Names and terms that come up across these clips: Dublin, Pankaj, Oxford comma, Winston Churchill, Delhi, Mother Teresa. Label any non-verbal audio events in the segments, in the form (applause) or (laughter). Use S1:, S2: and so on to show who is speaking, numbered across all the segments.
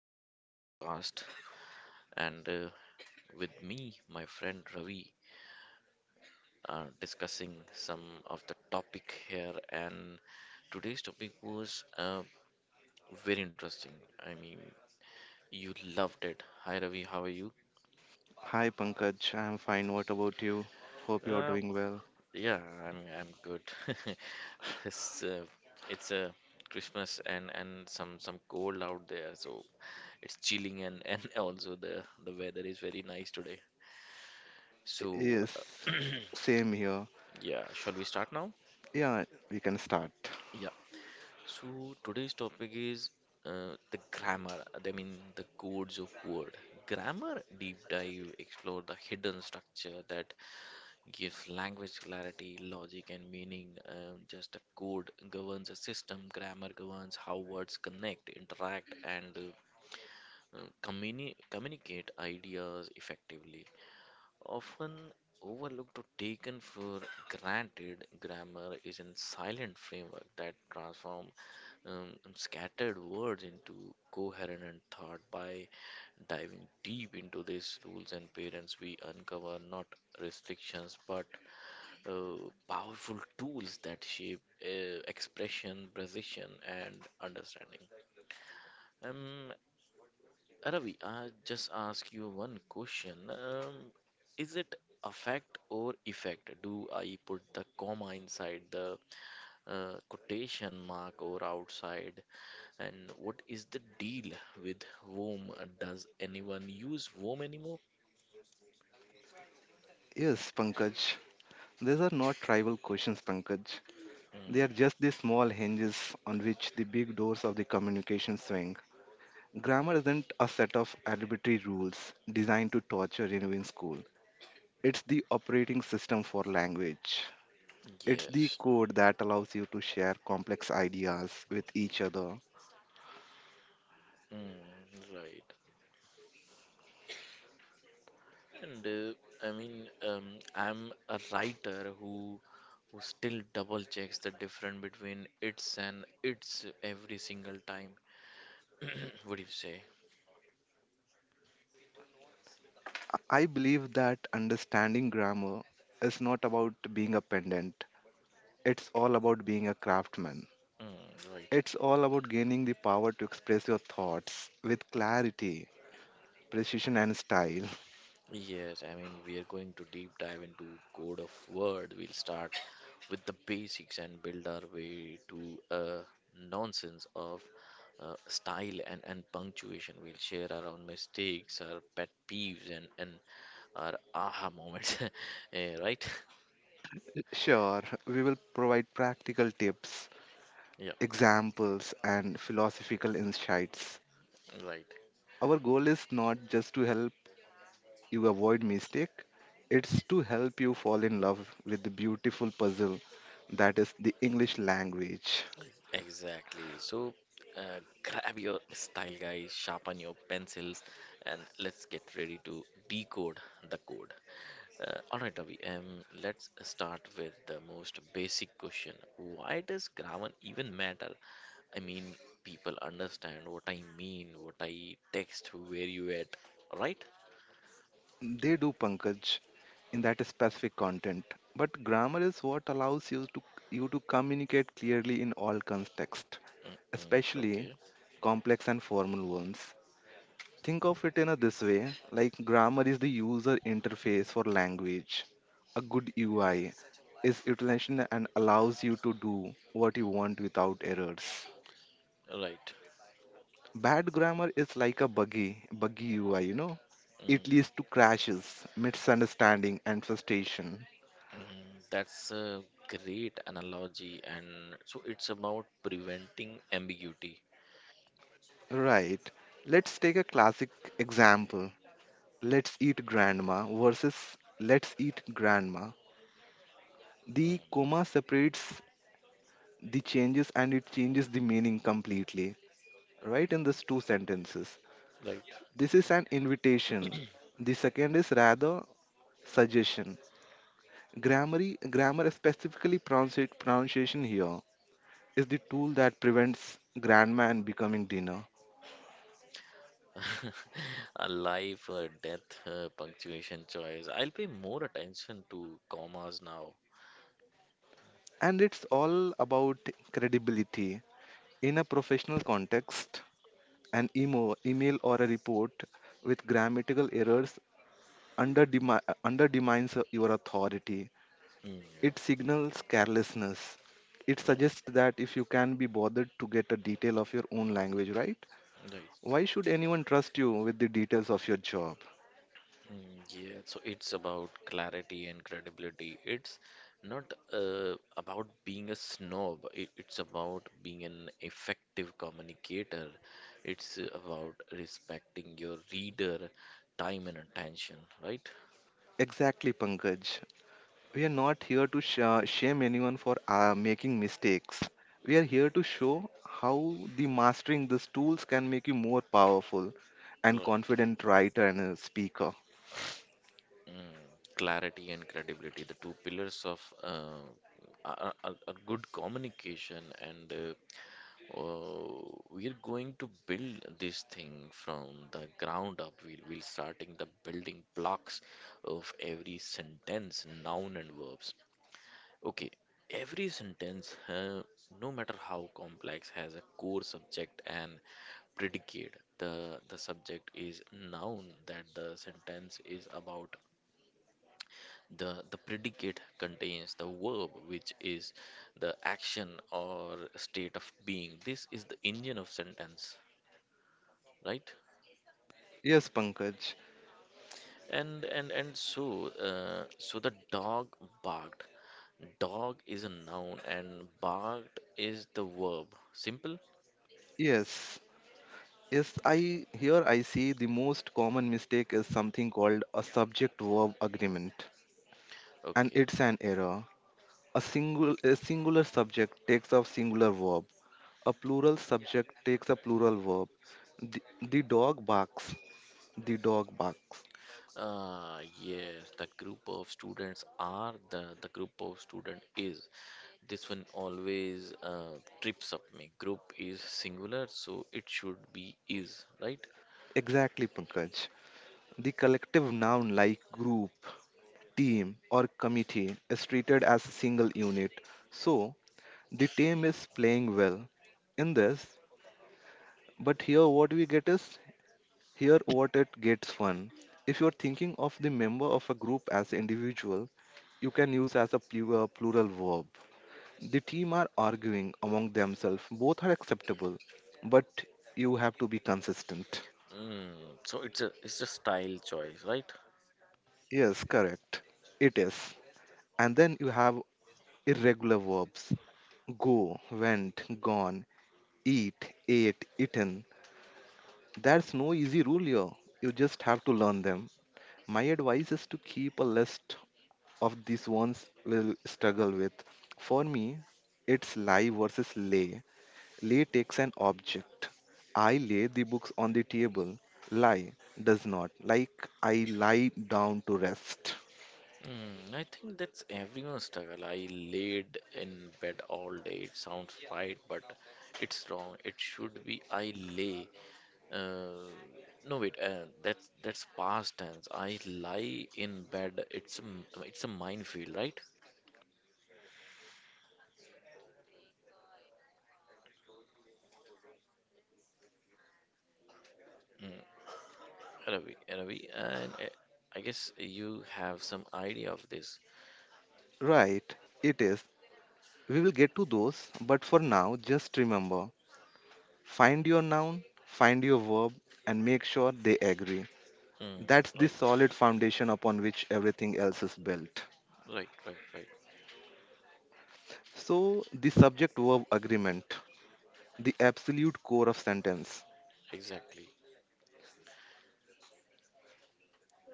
S1: another podcast. And With me, my friend Ravi, are discussing some of the topic here. And today's topic was very interesting. I mean, you loved it. Hi, Ravi. How are you?
S2: Hi Pankaj, I'm fine. What about you? Hope you are doing well.
S1: Yeah, I'm good. (laughs) It's uh, it's a Christmas, and some cold out there, so it's chilling and (laughs) also the weather is very nice today.
S2: Y-
S1: So uh,
S2: Yes,
S1: (clears throat)
S2: same here.
S1: yeah, shall we start now?
S2: Yeah, we can start.
S1: Yeah. So today's topic is the grammar. I mean the codes of word. Grammar deep dive explore the hidden structure that gives language clarity, logic, and meaning. Just a code governs a system, grammar governs how words connect, interact, and communicate ideas effectively. Often overlooked or taken for granted, grammar is a silent framework that transforms um, scattered words into coherent thought. By diving deep into these rules and parents, we uncover not restrictions but powerful tools that shape expression, precision, and understanding. Um, Ravi, I just ask you one question. Is it affect or effect? Do I put the comma inside the quotation mark or outside? And what is the deal with womb? Does anyone use womb anymore?
S2: Yes, Pankaj. These are not trivial questions, Pankaj. They
S1: Mm,
S2: are just the small hinges on which the big doors of the communication swing. Grammar isn't a set of arbitrary rules designed to torture you in school. It's the operating system for language. It's the
S1: yes.
S2: code that allows you to share complex ideas with each other.
S1: Mm, right. And uh, I'm a writer who still double checks the difference between it's and it's every single time. (clears throat) What do you say?
S2: I believe that understanding grammar is not about being a pendant. It's all about being a craftsman.
S1: Mm, right.
S2: It's all about gaining the power to express your thoughts with clarity, precision, and style.
S1: Yes, I mean, we are going to deep dive into Code of Word. We'll start with the basics and build our way to uh, nonsense of style and punctuation. We'll share our own mistakes, our pet peeves, and our aha moments. (laughs) Eh, right? (laughs)
S2: (laughs) Sure, we will provide practical tips,
S1: Yeah,
S2: examples, and philosophical insights.
S1: right.
S2: Our goal is not just to help you avoid mistake, it's to help you fall in love with the beautiful puzzle that is the English language.
S1: Exactly. So grab your style guys, sharpen your pencils, and let's get ready to decode the code. All right, Ravi, let's start with the most basic question. Why does grammar even matter? I mean, people understand what I mean, what I text, where you at, right?
S2: They do Pankaj in that specific content, but grammar is what allows you to communicate clearly in all contexts,
S1: Mm-mm,
S2: especially
S1: okay,
S2: complex and formal ones. Think of it in a this way, like grammar is the user interface for language. A good UI is utilization and allows you to do what you want without errors.
S1: right.
S2: Bad grammar is like a buggy UI, you know.
S1: Mm,
S2: It leads to crashes, misunderstanding, and frustration.
S1: mm, that's a great analogy, and so it's about preventing ambiguity.
S2: Right. Let's take a classic example. Let's eat grandma versus let's eat grandma. The
S1: Mhm.
S2: comma separates the changes and it changes the meaning completely. Right, in these two sentences.
S1: Right?
S2: This is an invitation. The second is rather suggestion. Grammar, grammar, specifically pronunciation here, is the tool that prevents grandma and becoming dinner.
S1: (laughs) A life or death punctuation choice. I'll pay more attention to commas now.
S2: And it's all about credibility. In a professional context, an email or a report with grammatical errors undermines your authority.
S1: Mm, yeah.
S2: It signals carelessness. It suggests that if you can be bothered to get a detail of your own language right,
S1: Yeah. Right.
S2: why should anyone trust you with the details of your job?
S1: Mm, yeah, so it's about clarity and credibility. It's not about being a snob. It's about being an effective communicator. It's about respecting your reader, time and attention, right?
S2: Exactly, Pankaj. We are not here to shame anyone for making mistakes. We are here to show how the mastering these tools can make you more powerful and
S1: Right.
S2: confident writer and a speaker.
S1: Mm, clarity and credibility, the two pillars of a good communication, and uh, we're going to build this thing from the ground up. We'll starting the building blocks of every sentence, noun and verbs. Okay, every sentence, no matter how complex, has a core subject and predicate. The subject is noun that the sentence is about. The predicate contains the verb, which is the action or state of being. This is the engine of sentence, right?
S2: Yes, Pankaj.
S1: And so the dog barked. Dog is a noun and barked is the verb. Simple?
S2: Yes. I see the most common mistake is something called a subject verb agreement. And
S1: Okay.
S2: it's an error. A singular subject takes a singular verb. A plural subject takes a plural verb. The, the dog barks. The dog barks.
S1: Yes, the group of students are the group of student is. This one always trips up me. Group is singular, so it should be is, right?
S2: Exactly, Pankaj. The collective noun like group, team, or committee is treated as a single unit. So, the team is playing well in this, but here what it gets fun. If you're thinking of the member of a group as individual, you can use as a plural verb. The team are arguing among themselves. Both are acceptable, but you have to be consistent.
S1: Mm, so it's a style choice, right?
S2: Yes, correct. It is. And then you have irregular verbs: go, went, gone, eat, ate, eaten. There's no easy rule here. You just have to learn them. My advice is to keep a list of these ones will struggle with. For me, it's lie versus lay. Lay takes an object. I lay the books on the table. Lie does not. Like I lie down to rest.
S1: Mm, I think that's everyone's struggle. I laid in bed all day. It sounds right, but it's wrong. It should be I lay. Uh, no, wait. That's past tense. I lie in bed. It's a, it's a minefield, right? Hmm, Ravi, and I guess you have some idea of this.
S2: Right, it is. We will get to those, but for now, just remember: find your noun, find your verb, and make sure they agree.
S1: Mm,
S2: That's the
S1: right,
S2: solid foundation upon which everything else is built.
S1: right.
S2: So, the subject verb agreement, the absolute core of sentence.
S1: Exactly.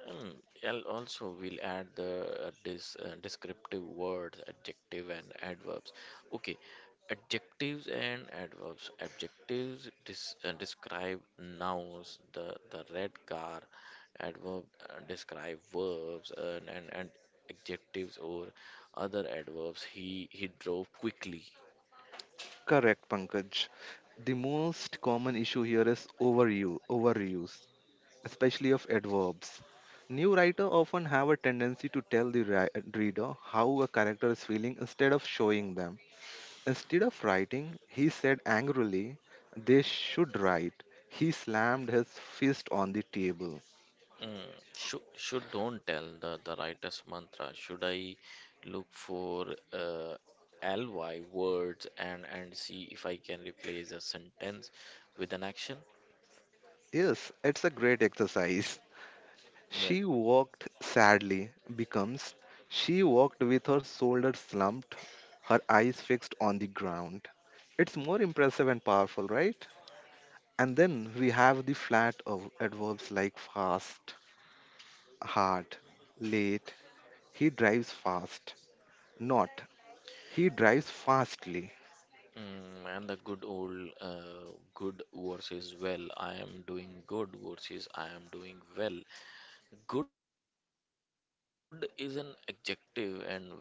S1: Um, I'll also we'll add the this descriptive words, adjective and adverbs. Okay, adjectives and adverbs. Adjectives describe nouns. The red car. Adverb describe verbs and adjectives or other adverbs. He drove quickly.
S2: Correct, Pankaj. The most common issue here is overuse, especially of adverbs. New writer often have a tendency to tell the reader how a character is feeling instead of showing them. Instead of writing, he said angrily, they should write: he slammed his fist on the table.
S1: Mm, should don't tell the writer's mantra. Should I look for uh, ly words and see if I can replace a sentence with an action?
S2: Yes, it's a great exercise.
S1: Like
S2: She walked sadly, becomes she walked with her shoulders slumped, her eyes fixed on the ground. It's more impressive and powerful, right? And then we have the flat of adverbs like fast, hard, late. He drives fast. Not, he drives fastly.
S1: mm, and the good old good versus well. I am doing good versus I am doing well. Good is an adjective and well is an adverb.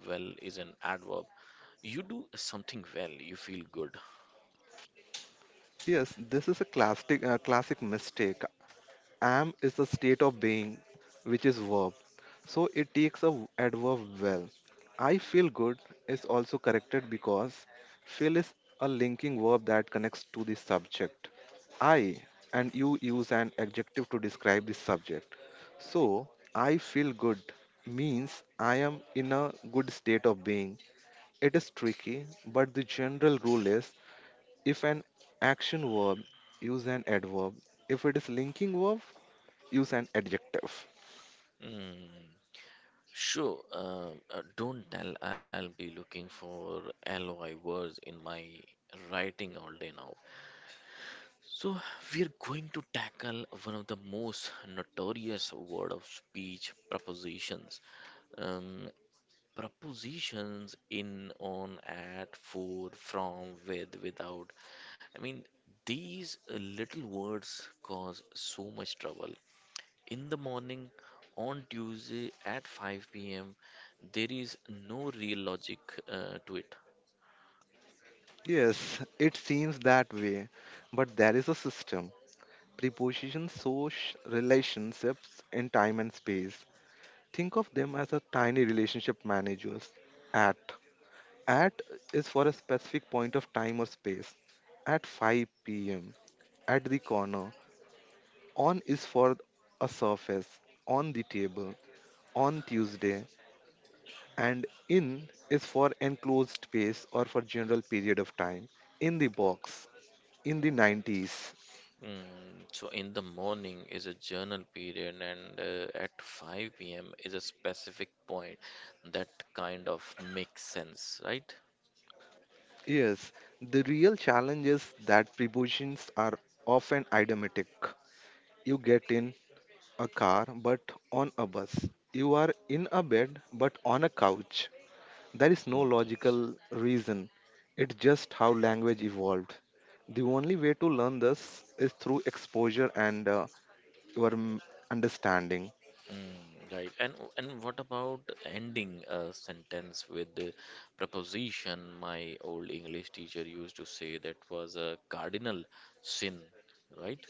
S1: You do something well, you feel good.
S2: Yes, this is a classic mistake. Am is a state of being, which is verb. So it takes a adverb well. I feel good is also corrected because feel is a linking verb that connects to the subject, I, and you use an adjective to describe the subject. So I feel good means I am in a good state of being. It is tricky, but the general rule is if an action verb, use an adverb. If it is linking verb, use an adjective.
S1: Mm. Sure, don't tell I'll be looking for LOI words in my writing all day now. So, we're going to tackle one of the most notorious word of speech propositions. Um, propositions in, on, at, for, from, with, without. I mean, these little words cause so much trouble in the morning on Tuesday at 5 p.m., there is no real logic to it.
S2: Yes, it seems that way, but there is a system. Prepositions show relationships in time and space. Think of them as a tiny relationship managers. At. At is for a specific point of time or space. At 5 pm. At the corner. On is for a surface. On the table. On Tuesday. And in is for enclosed space or for general period of time, in the box, in the 90s.
S1: Mm, so in the morning is a journal period, and at 5 p.m. is a specific point that kind of makes sense, right?
S2: Yes, the real challenge is that prepositions are often idiomatic. You get in a car but on a bus. You are in a bed but on a couch. There is no
S1: Mm, yes.
S2: logical reason. It's just how language evolved. The only way to learn this is through exposure and your mm, understanding.
S1: Mm, right. And what about ending a sentence with the preposition? My old English teacher used to say that was a cardinal sin, right?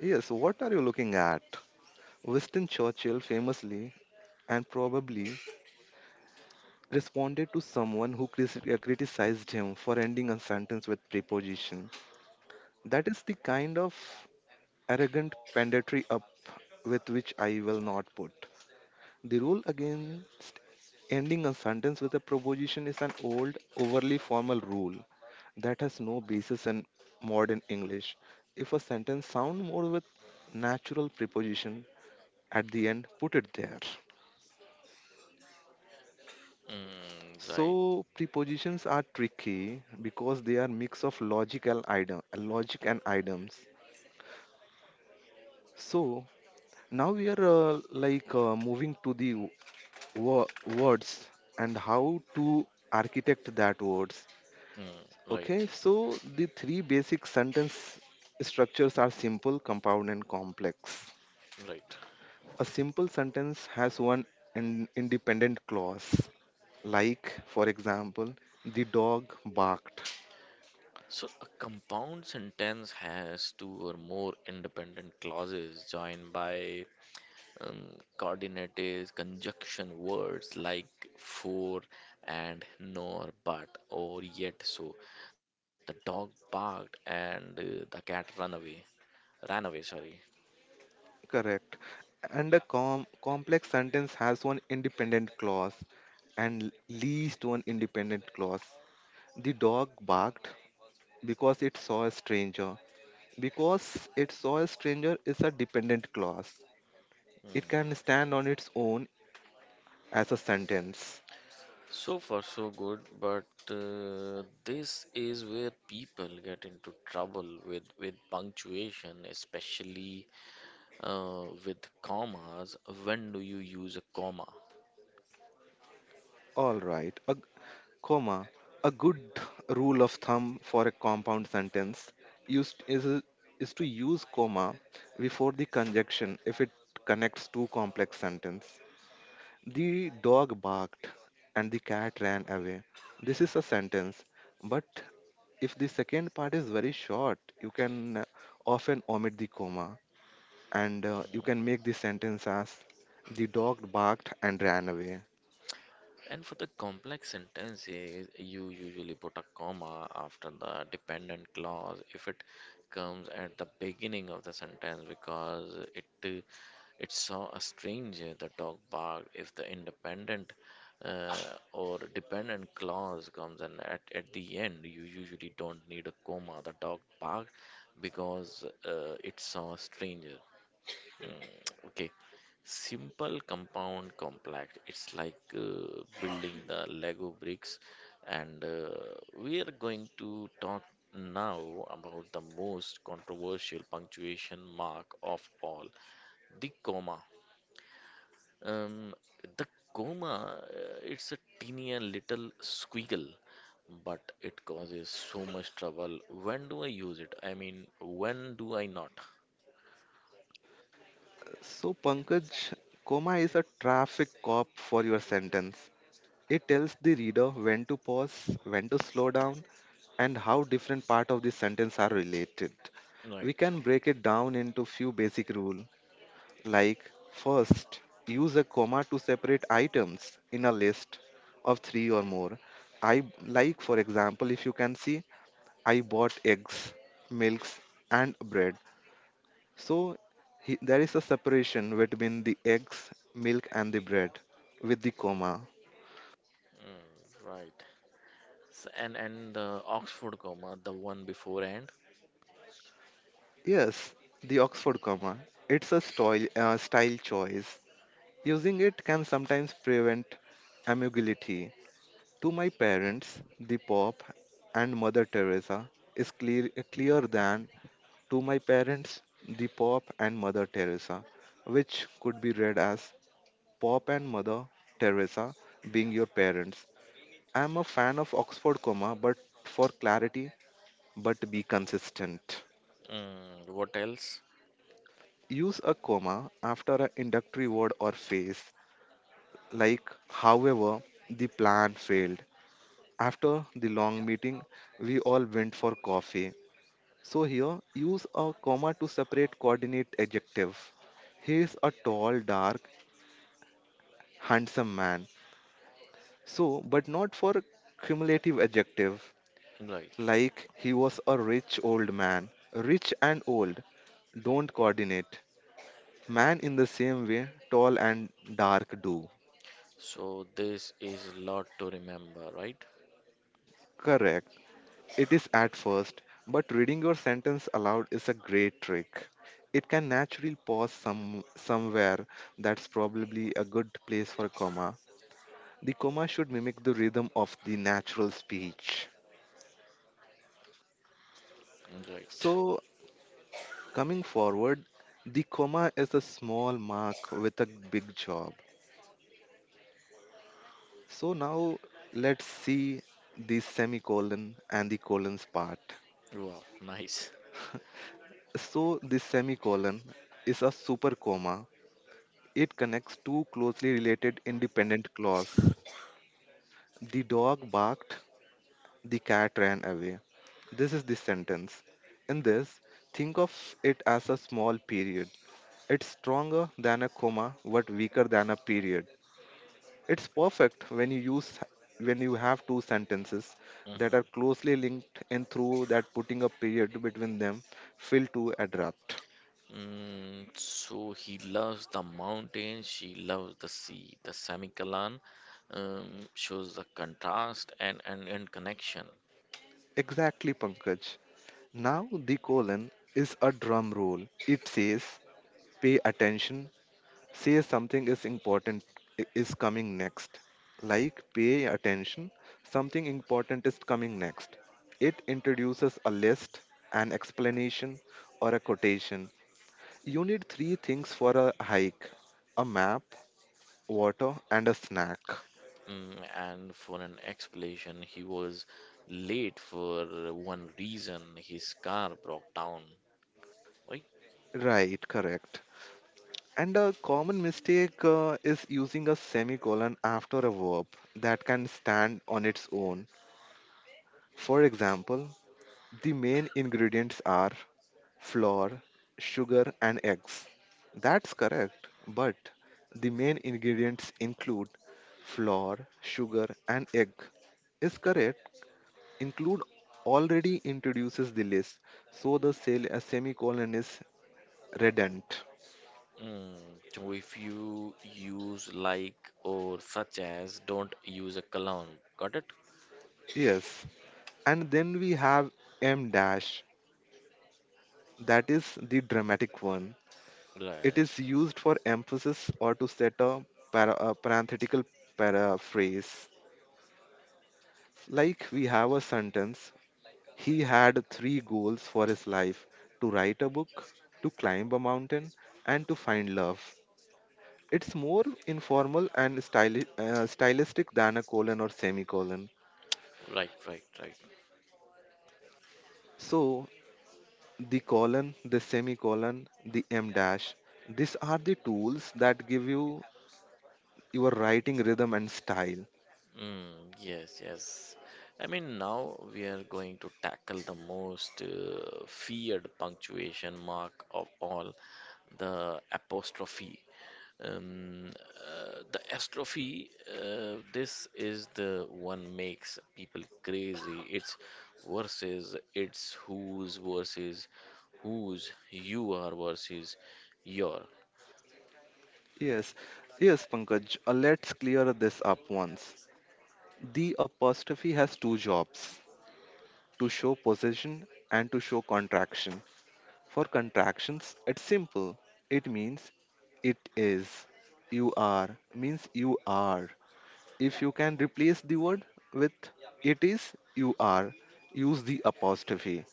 S2: Yes, what are you looking at? Winston Churchill famously and probably responded to someone who criticized him for ending a sentence with preposition. That is the kind of arrogant pedantry up with which I will not put. The rule against ending a sentence with a preposition is an old, overly formal rule that has no basis in modern English. If a sentence sounds more with natural preposition at the end, put it there.
S1: Mm, right,
S2: So prepositions are tricky because they are mix of logical item, logic and items. So now we are moving to the words and how to architect that words.
S1: mm,
S2: Okay,
S1: right,
S2: so the three basic sentence structures are simple, compound, and complex.
S1: right.
S2: A simple sentence has one independent clause, like, for example, the dog barked.
S1: So a compound sentence has two or more independent clauses joined by um, coordinates, conjunction words like for and nor, but, or yet. So the dog barked and the cat ran away. Ran away, sorry.
S2: Correct. And a complex sentence has one independent clause and least one independent clause. The dog barked because it saw a stranger. Because it saw a stranger is a dependent clause. It can stand on its own as a sentence.
S1: So far, so good, but this is where people get into trouble with punctuation, especially with commas. When do you use a comma?
S2: All right. A comma. A good rule of thumb for a compound sentence used is a- is to use comma before the conjunction if it connects two complex sentences. The dog barked and the cat ran away. This is a sentence, but if the second part is very short, you can uh, often omit the comma and you can make the sentence as the dog barked and ran away.
S1: And for the complex sentences, you usually put a comma after the dependent clause if it comes at the beginning of the sentence because it it saw a stranger. The dog barked. If the independent uh, or dependent clause comes and at the end, you usually don't need a comma. The dog barked because it saw a stranger. Okay, simple compound complex. It's like building the Lego bricks, and we are going to talk now about the most controversial punctuation mark of all, the comma. um, the coma, uh, it's a teeny and little squiggle, but it causes so much trouble. When do I use it? I mean, when do I not?
S2: So, Pankaj, comma is a traffic cop for your sentence. It tells the reader when to pause, when to slow down, and how different parts of the sentence are related. We
S1: Right.
S2: can break it down into few basic rules, like first, use a comma to separate items in a list of three or more. I like, for example, if you can see, I bought eggs, milks, and bread. So he, there is a separation between the eggs, milk, and the bread with the comma.
S1: Mm, right. S and the Oxford comma, the one beforehand.
S2: Yes, the Oxford comma. It's a style choice. Using it can sometimes prevent ambiguity. To my parents, the Pope and Mother Teresa is clear, clear than to my parents, the Pope and Mother Teresa, which could be read as Pope and Mother Teresa being your parents. I'm a fan of Oxford comma, but for clarity, but be consistent.
S1: Mm, what else?
S2: Use a comma after an introductory word or phrase, like however, the plan failed. After the long meeting, we all went for coffee. So here, use a comma to separate coordinate adjective. He is a tall, dark, handsome man. So, but not for cumulative adjective,
S1: Right.
S2: like he was a rich old man. Rich and old don't coordinate man in the same way tall and dark do.
S1: So this is lot to remember, right?
S2: Correct. It is at first, but reading your sentence aloud is a great trick. It can naturally pause somewhere. That's probably a good place for comma. The comma should mimic the rhythm of the natural speech.
S1: Mm, right.
S2: So, coming forward, the comma is a small mark with a big job. So now let's see the semicolon and the colons part.
S1: Wow, nice.
S2: So the semicolon is a super comma. It connects two closely related independent clauses. The dog barked, the cat ran away. This is the sentence. In this, think of it as a small period. It's stronger than a comma but weaker than a period. It's perfect when you use when you have two sentences that
S1: Mhm.
S2: are closely linked and through that putting a period between them feel too abrupt.
S1: Mm, so he loves the mountains, she loves the sea. The semicolon shows the contrast and connection.
S2: Exactly, Pankaj. Now the colon is a drum roll. It says pay attention, say something is important is coming next. Like pay attention, something important is coming next. It introduces a list, an explanation, or a quotation. You need three things for a hike: a map, water, and a snack.
S1: Mm, and for an explanation, he was late for one reason: his car broke down. Right?
S2: Right, correct. And a common mistake is using a semicolon after a verb that can stand on its own. For example, the main ingredients are flour, sugar, and eggs. That's correct, but the main ingredients include flour, sugar, and egg. Is correct, include already introduces the list, so the a semicolon is redundant.
S1: Mm, so if you use like or such as, don't use a colon. Got it?
S2: Yes, and then we have m dash, that is the dramatic one. It
S1: Right,
S2: is used for emphasis or to set a, a parenthetical paraphrase. Like we have a sentence, he had three goals for his life: to write a book, to climb a mountain, and to find love. It's more informal and stylistic than a colon or semicolon.
S1: right.
S2: So, the colon, the semicolon, the em dash, these are the tools that give you your writing rhythm and style.
S1: Mm, yes, yes. I mean, now we are going to tackle the most feared punctuation mark of all, the apostrophe. The apostrophe, this is the one makes people crazy. It's versus, it's whose versus whose, you are versus your.
S2: Yes, yes, Pankaj, let's clear this up once. The apostrophe has two jobs: to show possession and to show contraction. For contractions, it's simple. It means it is. You are means you are. If you can replace the word with it is, you are, use the apostrophe.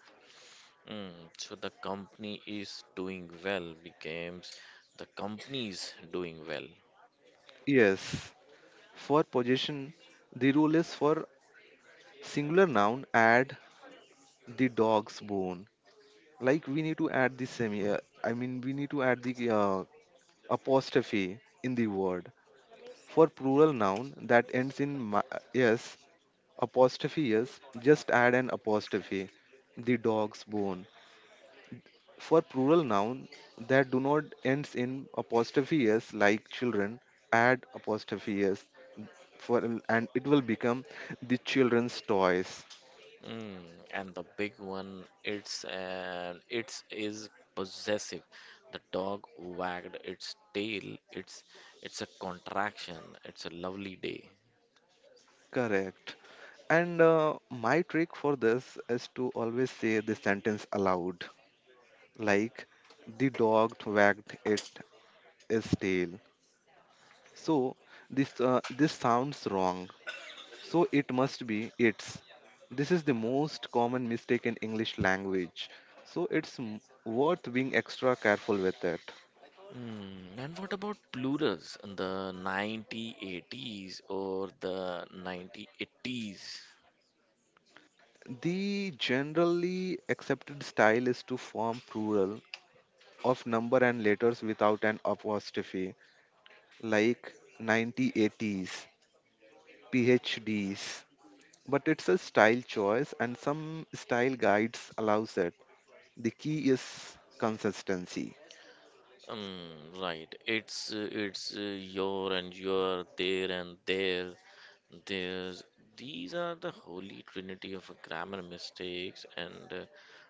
S1: Mm, so the company is doing well becomes the company's doing well.
S2: Yes. For possession, the rule is for singular noun, add the dog's bone. Like we need to add the I mean, we need to add the uh, apostrophe in the word. For plural noun that ends in yes, apostrophe yes, just add an apostrophe. The dog's bone. For plural noun that do not ends in apostrophe s like children, add apostrophe s for and it will become the children's toys.
S1: Mm, and the big one, it's and it's is possessive. The dog wagged its tail. It's a contraction. It's a lovely day.
S2: Correct. And my trick for this is to always say the sentence aloud, like the dog wagged it its tail. So this sounds wrong, so it must be its. This is the most common mistake in English language. So it's worth being extra careful with it.
S1: Mm, and what about plurals in the 1980s or the 1980s?
S2: The generally accepted style is to form plural of number and letters without an apostrophe, like 9080s, PhDs. But it's a style choice, and some style guides allows it. The key is consistency.
S1: Mm, right. It's your and your, there and there, there's. These are the holy trinity of grammar mistakes, and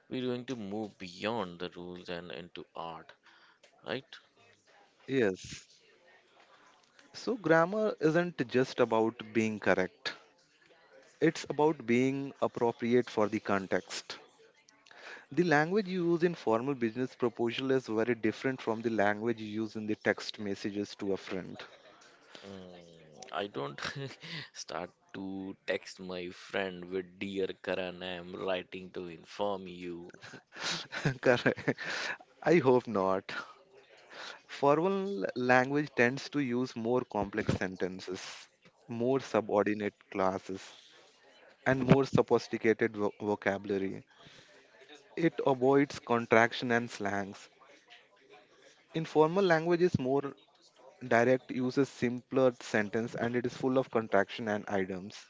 S1: we're going to move beyond the rules and into art, right?
S2: Yes. So, grammar isn't just about being correct, it's about being appropriate for the context. The language you use in formal business proposal is very different from the language you use in the text messages to a friend.
S1: Mm, I don't (laughs) start to text my friend with dear Karan, I am writing to inform you.
S2: (laughs) Correct. I hope not. Formal language tends to use more complex sentences, more subordinate classes, and more sophisticated vocabulary. It avoids contraction and slangs. Informal language is more direct, uses simpler sentence and it is full of contraction and items.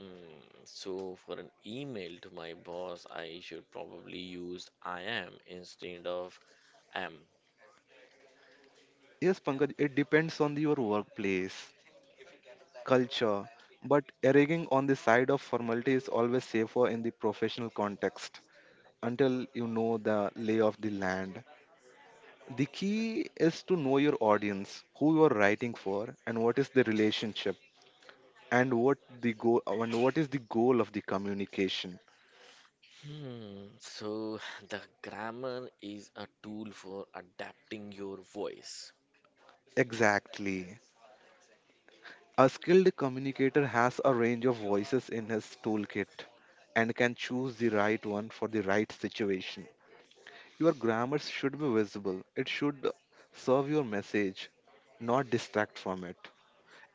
S1: Mm, so for an email to my boss, I should probably use I am instead of am.
S2: Yes, Pankaj, it depends on your workplace, culture, but erring on the side of formality is always safer in the professional context until you know the lay of the land. The key is to know your audience, who you are writing for, and what is the relationship, and what the goal, and what is the goal of the communication.
S1: Hmm, so (laughs) (sighs) the grammar is a tool for adapting your voice.
S2: Exactly. A skilled communicator has a range of voices in his toolkit and can choose the right one for the right situation. Your grammar should be visible, it should serve your message, not distract from it.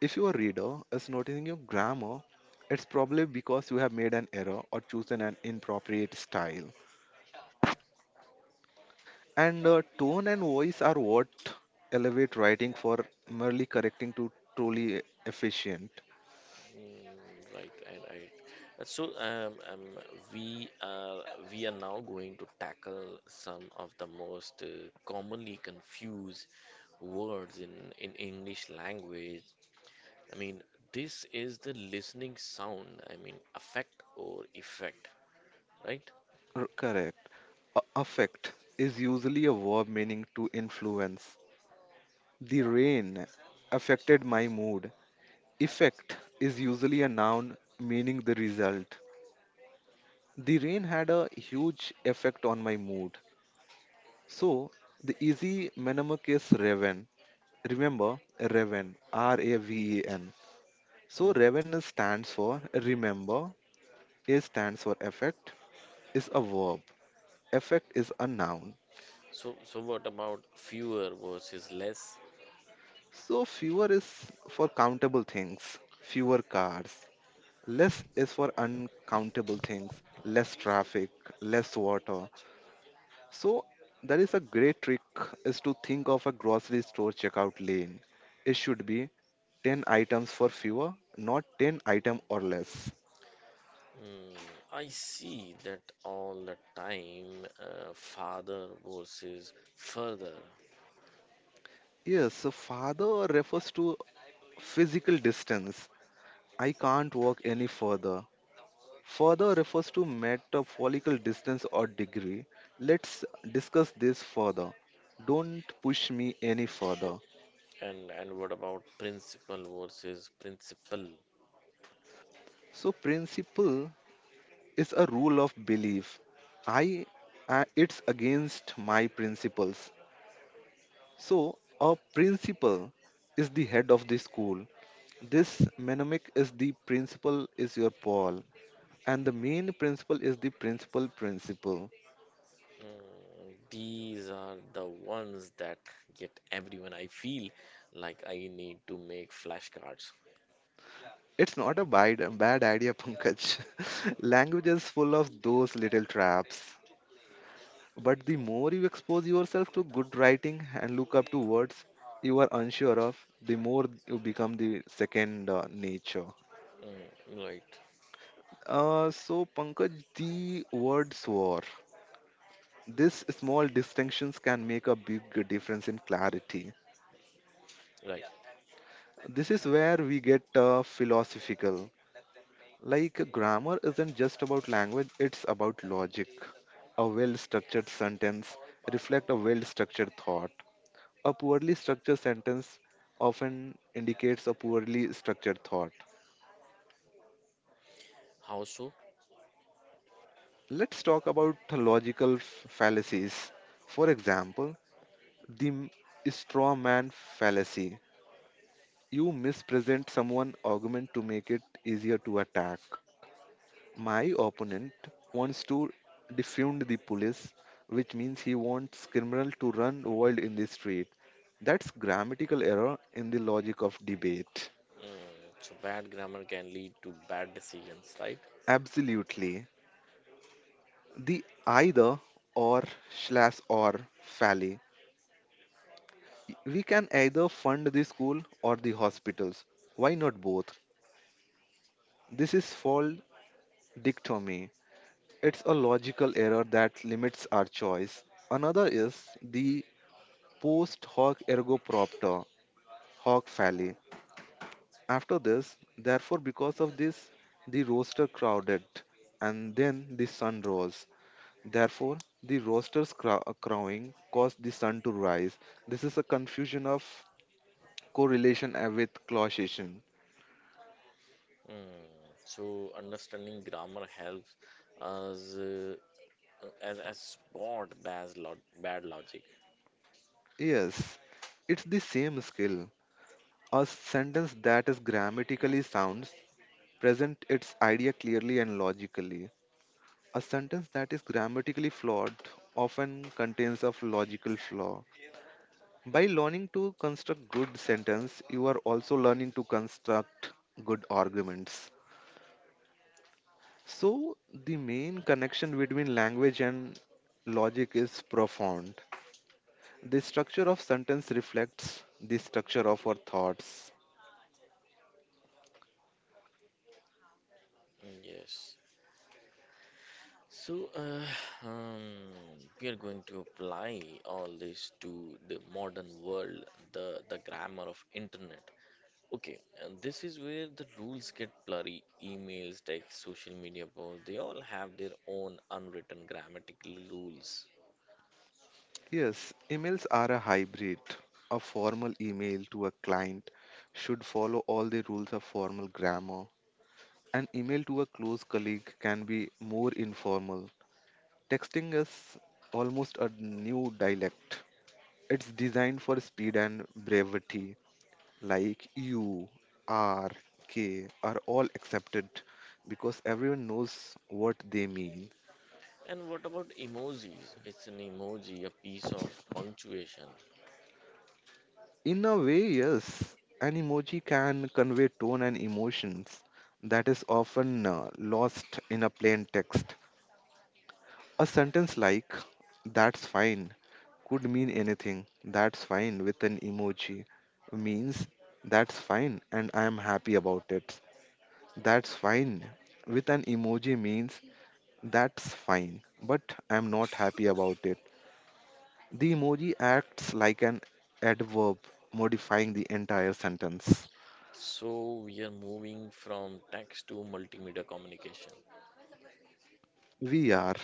S2: If your reader is noticing your grammar, it's probably because you have made an error or chosen an inappropriate style. And tone and voice are what elevate writing for merely correcting to truly efficient.
S1: Mm, right. So we are we are now going to tackle some of the most commonly confused words in English language. I mean, this is the listening sound. I mean, affect or effect, right?
S2: Correct. Affect is usually a verb meaning to influence. The rain affected my mood. Effect is usually a noun meaning the result. The rain had a huge effect on my mood. So, the easy mnemonic is Raven. Remember, Raven, R A V E N. So,
S1: Mm.
S2: Raven stands for remember, A stands for effect, is a verb, effect is a noun.
S1: So, so what about fewer versus less?
S2: So fewer is for countable things, fewer cars. Less is for uncountable things, less traffic, less water. So that is a great trick is to think of a grocery store checkout lane. It should be 10 items for fewer, not 10 item or less.
S1: Mm, I see that all the time, farther versus further,
S2: Yes, so father refers to physical distance. I can't walk any further. Further refers to metaphorical distance or degree. Let's discuss this further. Don't push me any further.
S1: and what about principle versus principle?
S2: So, principle is a rule of belief. I, it's against my principles. So, a principal is the head of the school. This mnemonic is the principal is your Paul, and the main principle is the principal principle.
S1: Mm, these are the ones that get everyone. I feel like I need to make flashcards.
S2: It's not a bad idea, Pankaj. (laughs) Language is full of those little traps. But the more you expose yourself to good writing and look up to words you are unsure of, the more you become the second nature.
S1: Mm,
S2: So, Pankaj, the word swore. These small distinctions can make a big difference in clarity.
S1: right.
S2: This is where we get philosophical. Like grammar isn't just about language, it's about logic. A well structured sentence reflects a well structured thought. A poorly structured sentence often indicates a poorly structured thought.
S1: How so?
S2: Let's talk about logical fallacies. For example, the straw man fallacy. You mispresent someone's argument to make it easier to attack. My opponent wants to defund the police, which means he wants criminals to run wild in the street. That's grammatical error in the logic of debate.
S1: Mm, so bad grammar can lead to bad decisions, right?
S2: Absolutely. The either or slash or fallacy. We can either fund the school or the hospitals. Why not both? This is called dichotomy. It's a logical error that limits our choice. Another is the post hoc ergo propter, hoc falle. After this, therefore, because of this, the rooster crowded, and then the sun rose. Therefore, the rooster's crowing caused the sun to rise. This is a confusion of correlation with causation.
S1: Mm, so understanding grammar helps us as spot bad logic.
S2: Yes, it's the same skill. A sentence that is grammatically sounds present its idea clearly and logically. A sentence that is grammatically flawed often contains a logical flaw. By learning to construct good sentence, you are also learning to construct good arguments. So the main connection between language and logic is profound. The structure of sentence reflects the structure of our thoughts.
S1: Mm, yes. So uh, (sighs) um, we are going to apply all this to the modern world, the grammar of internet. Okay, and this is where the rules get blurry. Emails, text, social media posts, they all have their own unwritten grammatical rules.
S2: Yes, emails are a hybrid. A formal email to a client should follow all the rules of formal grammar. An email to a close colleague can be more informal. Texting is almost a new dialect. It's designed for speed and brevity, like U, R, K are all accepted because everyone knows what they mean.
S1: And what about emojis? It's an emoji, a piece of punctuation.
S2: In a way, yes, an emoji can convey tone and emotions that is often lost in a plain text. A sentence like, that's fine, could mean anything. That's fine with an emoji means that's fine and I am happy about it. That's fine with an emoji means that's fine, but I am not happy about it. The emoji acts like an adverb, modifying the entire sentence.
S1: So we are moving from text to multimedia communication.
S2: We are.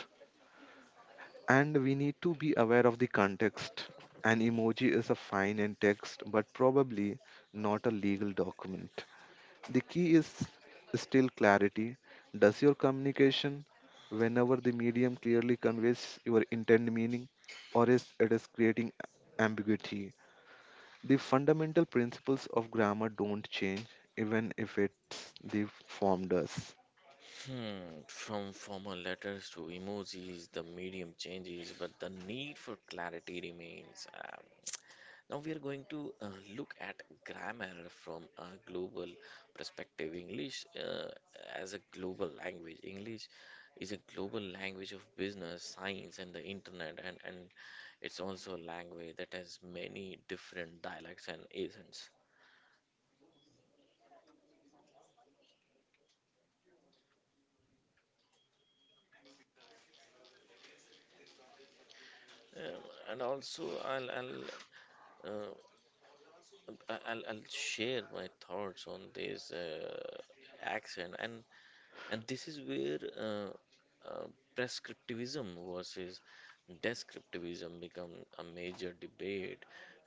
S2: And we need to be aware of the context. An emoji is a fine in text, but probably not a legal document. The key is still clarity. Does your communication, whenever the medium clearly conveys your intended meaning, or is it is creating ambiguity? The fundamental principles of grammar don't change, even if it's the form does.
S1: Hmm, from formal letters to emojis, the medium changes, but the need for clarity remains. Now we are going to look at grammar from a global perspective. English as a global language. English is a global language of business, science, and the internet, and it's also a language that has many different dialects and accents. Um, I'll, uh, I- I'll share my thoughts on this accent and This is where uh, prescriptivism versus descriptivism become a major debate.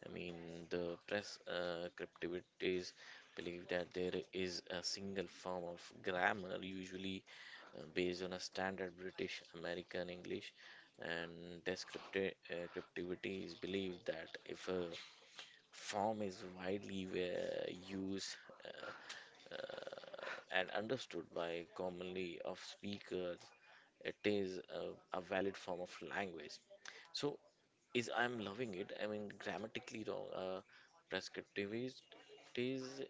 S1: I mean, the prescriptivists believe that there is a single form of grammar, usually based on a standard British American English, and descriptivity is believed that if a form is widely used uh, and understood by commonly of speakers it is a valid form of language. So is I'm loving it I mean grammatically wrong? Prescriptivist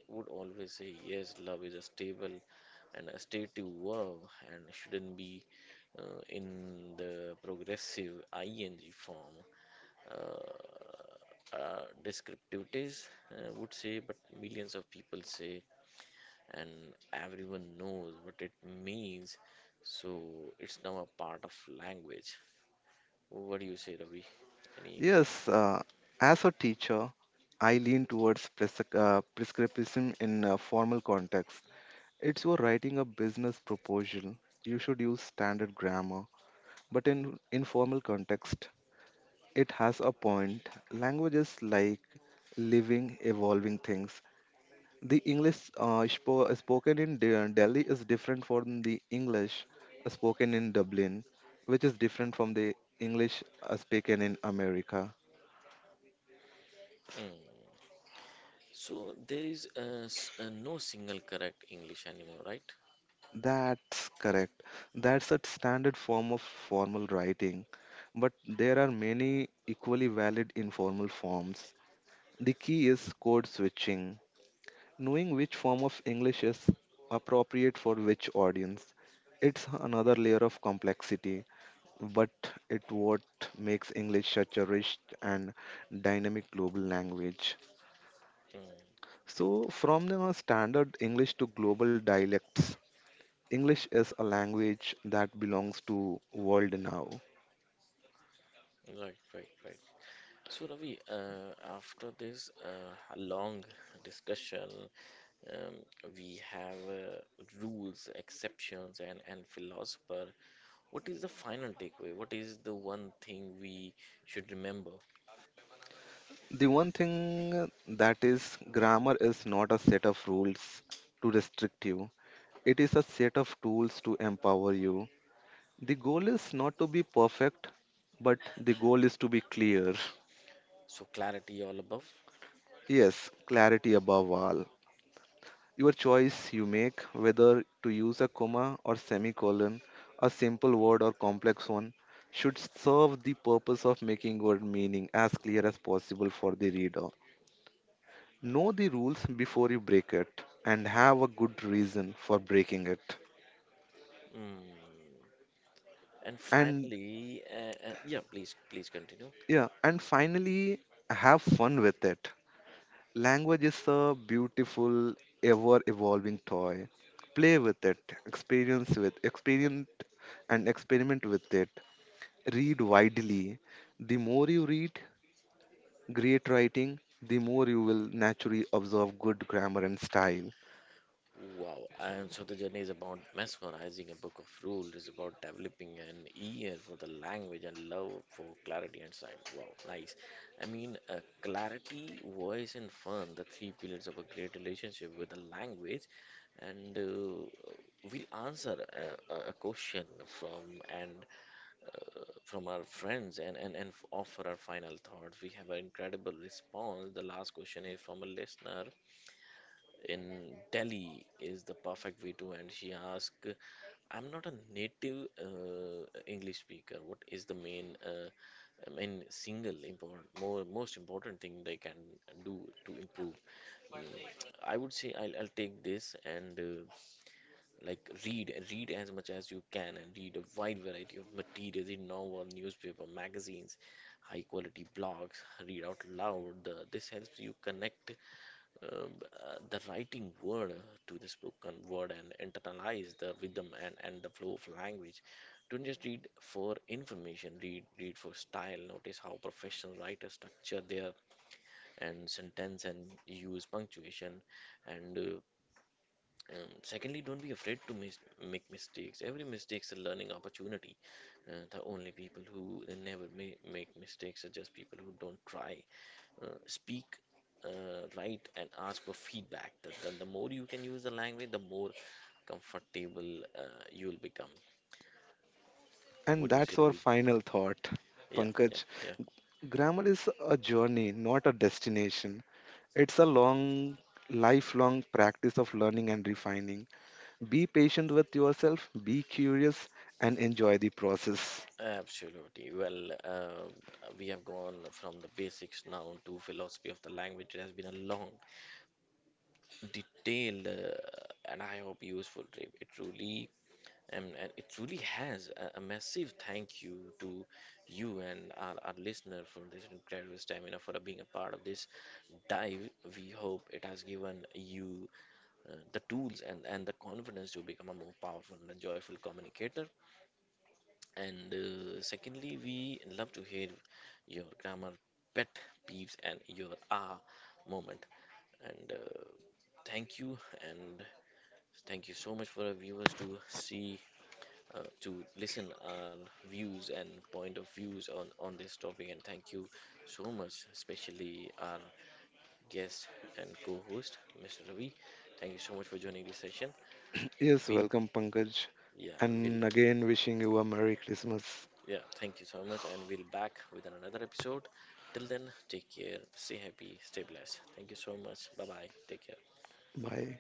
S1: would always say yes, love is a stable and a stative verb and shouldn't be in the progressive ing form. Descriptivities would say but millions of people say and everyone knows what it means. So it's now a part of language. What do you say, Ravi? Any?
S2: Yes, as a teacher, I lean towards prescriptivism in a formal context. It's you're writing a business proposal, you should use standard grammar. But in informal context, it has a point. Language is like living, evolving things. The English spoken in Delhi is different from the English spoken in Dublin, which is different from the English spoken in America.
S1: Mm. So there is no single correct English anymore, right?
S2: That's correct. That's a standard form of formal writing, but there are many equally valid informal forms. The key is code switching, knowing which form of English is appropriate for which audience. It's another layer of complexity, but it what makes English such a rich and dynamic global language.
S1: Mm.
S2: So, from the standard English to global dialects, English is a language that belongs to world now.
S1: Right, right, right. So Ravi, after this long discussion, we have rules, exceptions, and philosopher. What is the final takeaway? What is the one thing we should remember?
S2: The one thing that is grammar is not a set of rules to restrict you. It is a set of tools to empower you. The goal is not to be perfect, but the goal is to be clear.
S1: So clarity all above.
S2: Yes, clarity above all. Your choice you make whether to use a comma or semicolon, a simple word or complex one, should serve the purpose of making your meaning as clear as possible for the reader. Know the rules before you break it and have a good reason for breaking it.
S1: Mm. And
S2: And
S1: finally, yeah, please, please continue.
S2: yeah, and finally, have fun with it. Language is a beautiful, ever evolving toy. Play with it, experience and experiment with it. Read widely. The more you read great writing, the more you will naturally observe good grammar and style.
S1: Wow. And so the journey is about mesmerizing a book of rules, is about developing an ear for the language and love for clarity and sight. Wow, nice. I mean, clarity, voice, and fun, the three pillars of a great relationship with the language. And we'll answer a question from an from our friends offer our final thoughts. We have an incredible response. The last question is from a listener in Delhi is the perfect way to end. She asked, I'm not a native English speaker. What is the main, most important thing they can do to improve? Mm, I would say I'll take this and like read, read as much as you can and read a wide variety of materials in novel, newspaper, magazines, high quality blogs, read out loud. This helps you connect um, the writing word to the spoken word and internalize the rhythm and the flow of language. Don't just read for information, read for style. Notice how professional writers structure their and sentence and use punctuation and secondly, don't be afraid to make mistakes. Every mistake's a learning opportunity. The only people who never make mistakes are just people who don't try. Speak, write, and ask for feedback. The more you can use the language, the more comfortable you'll become. What
S2: And
S1: do you say,
S2: that's our
S1: Ravi?
S2: final thought,
S1: Yeah, yeah,
S2: Pankaj.
S1: yeah.
S2: Grammar is a journey, not a destination. It's a long, lifelong practice of learning and refining. Be patient with yourself, be curious, and enjoy the process.
S1: Absolutely. Well, we have gone from the basics now to philosophy of the language. It has been a long detailed, and I hope useful trip. It truly has a massive thank you to you and our listener for this incredible stamina for being a part of this dive. We hope it has given you the tools and the confidence to become a more powerful and joyful communicator. And secondly, we love to hear your grammar pet peeves and your ah moment. And thank you and thank you so much for our viewers to see, to listen our views and point of views on this topic. And thank you so much, especially our guest and co-host, Mr. Ravi. Thank you so much for joining this session.
S2: Yes,
S1: We'll,
S2: welcome, Pankaj.
S1: yeah,
S2: And again, wishing you a Merry Christmas.
S1: yeah, thank you so much, and we'll back with another episode. Till then, take care, stay happy, stay blessed. Thank you so much. Bye bye. Take care.
S2: Bye.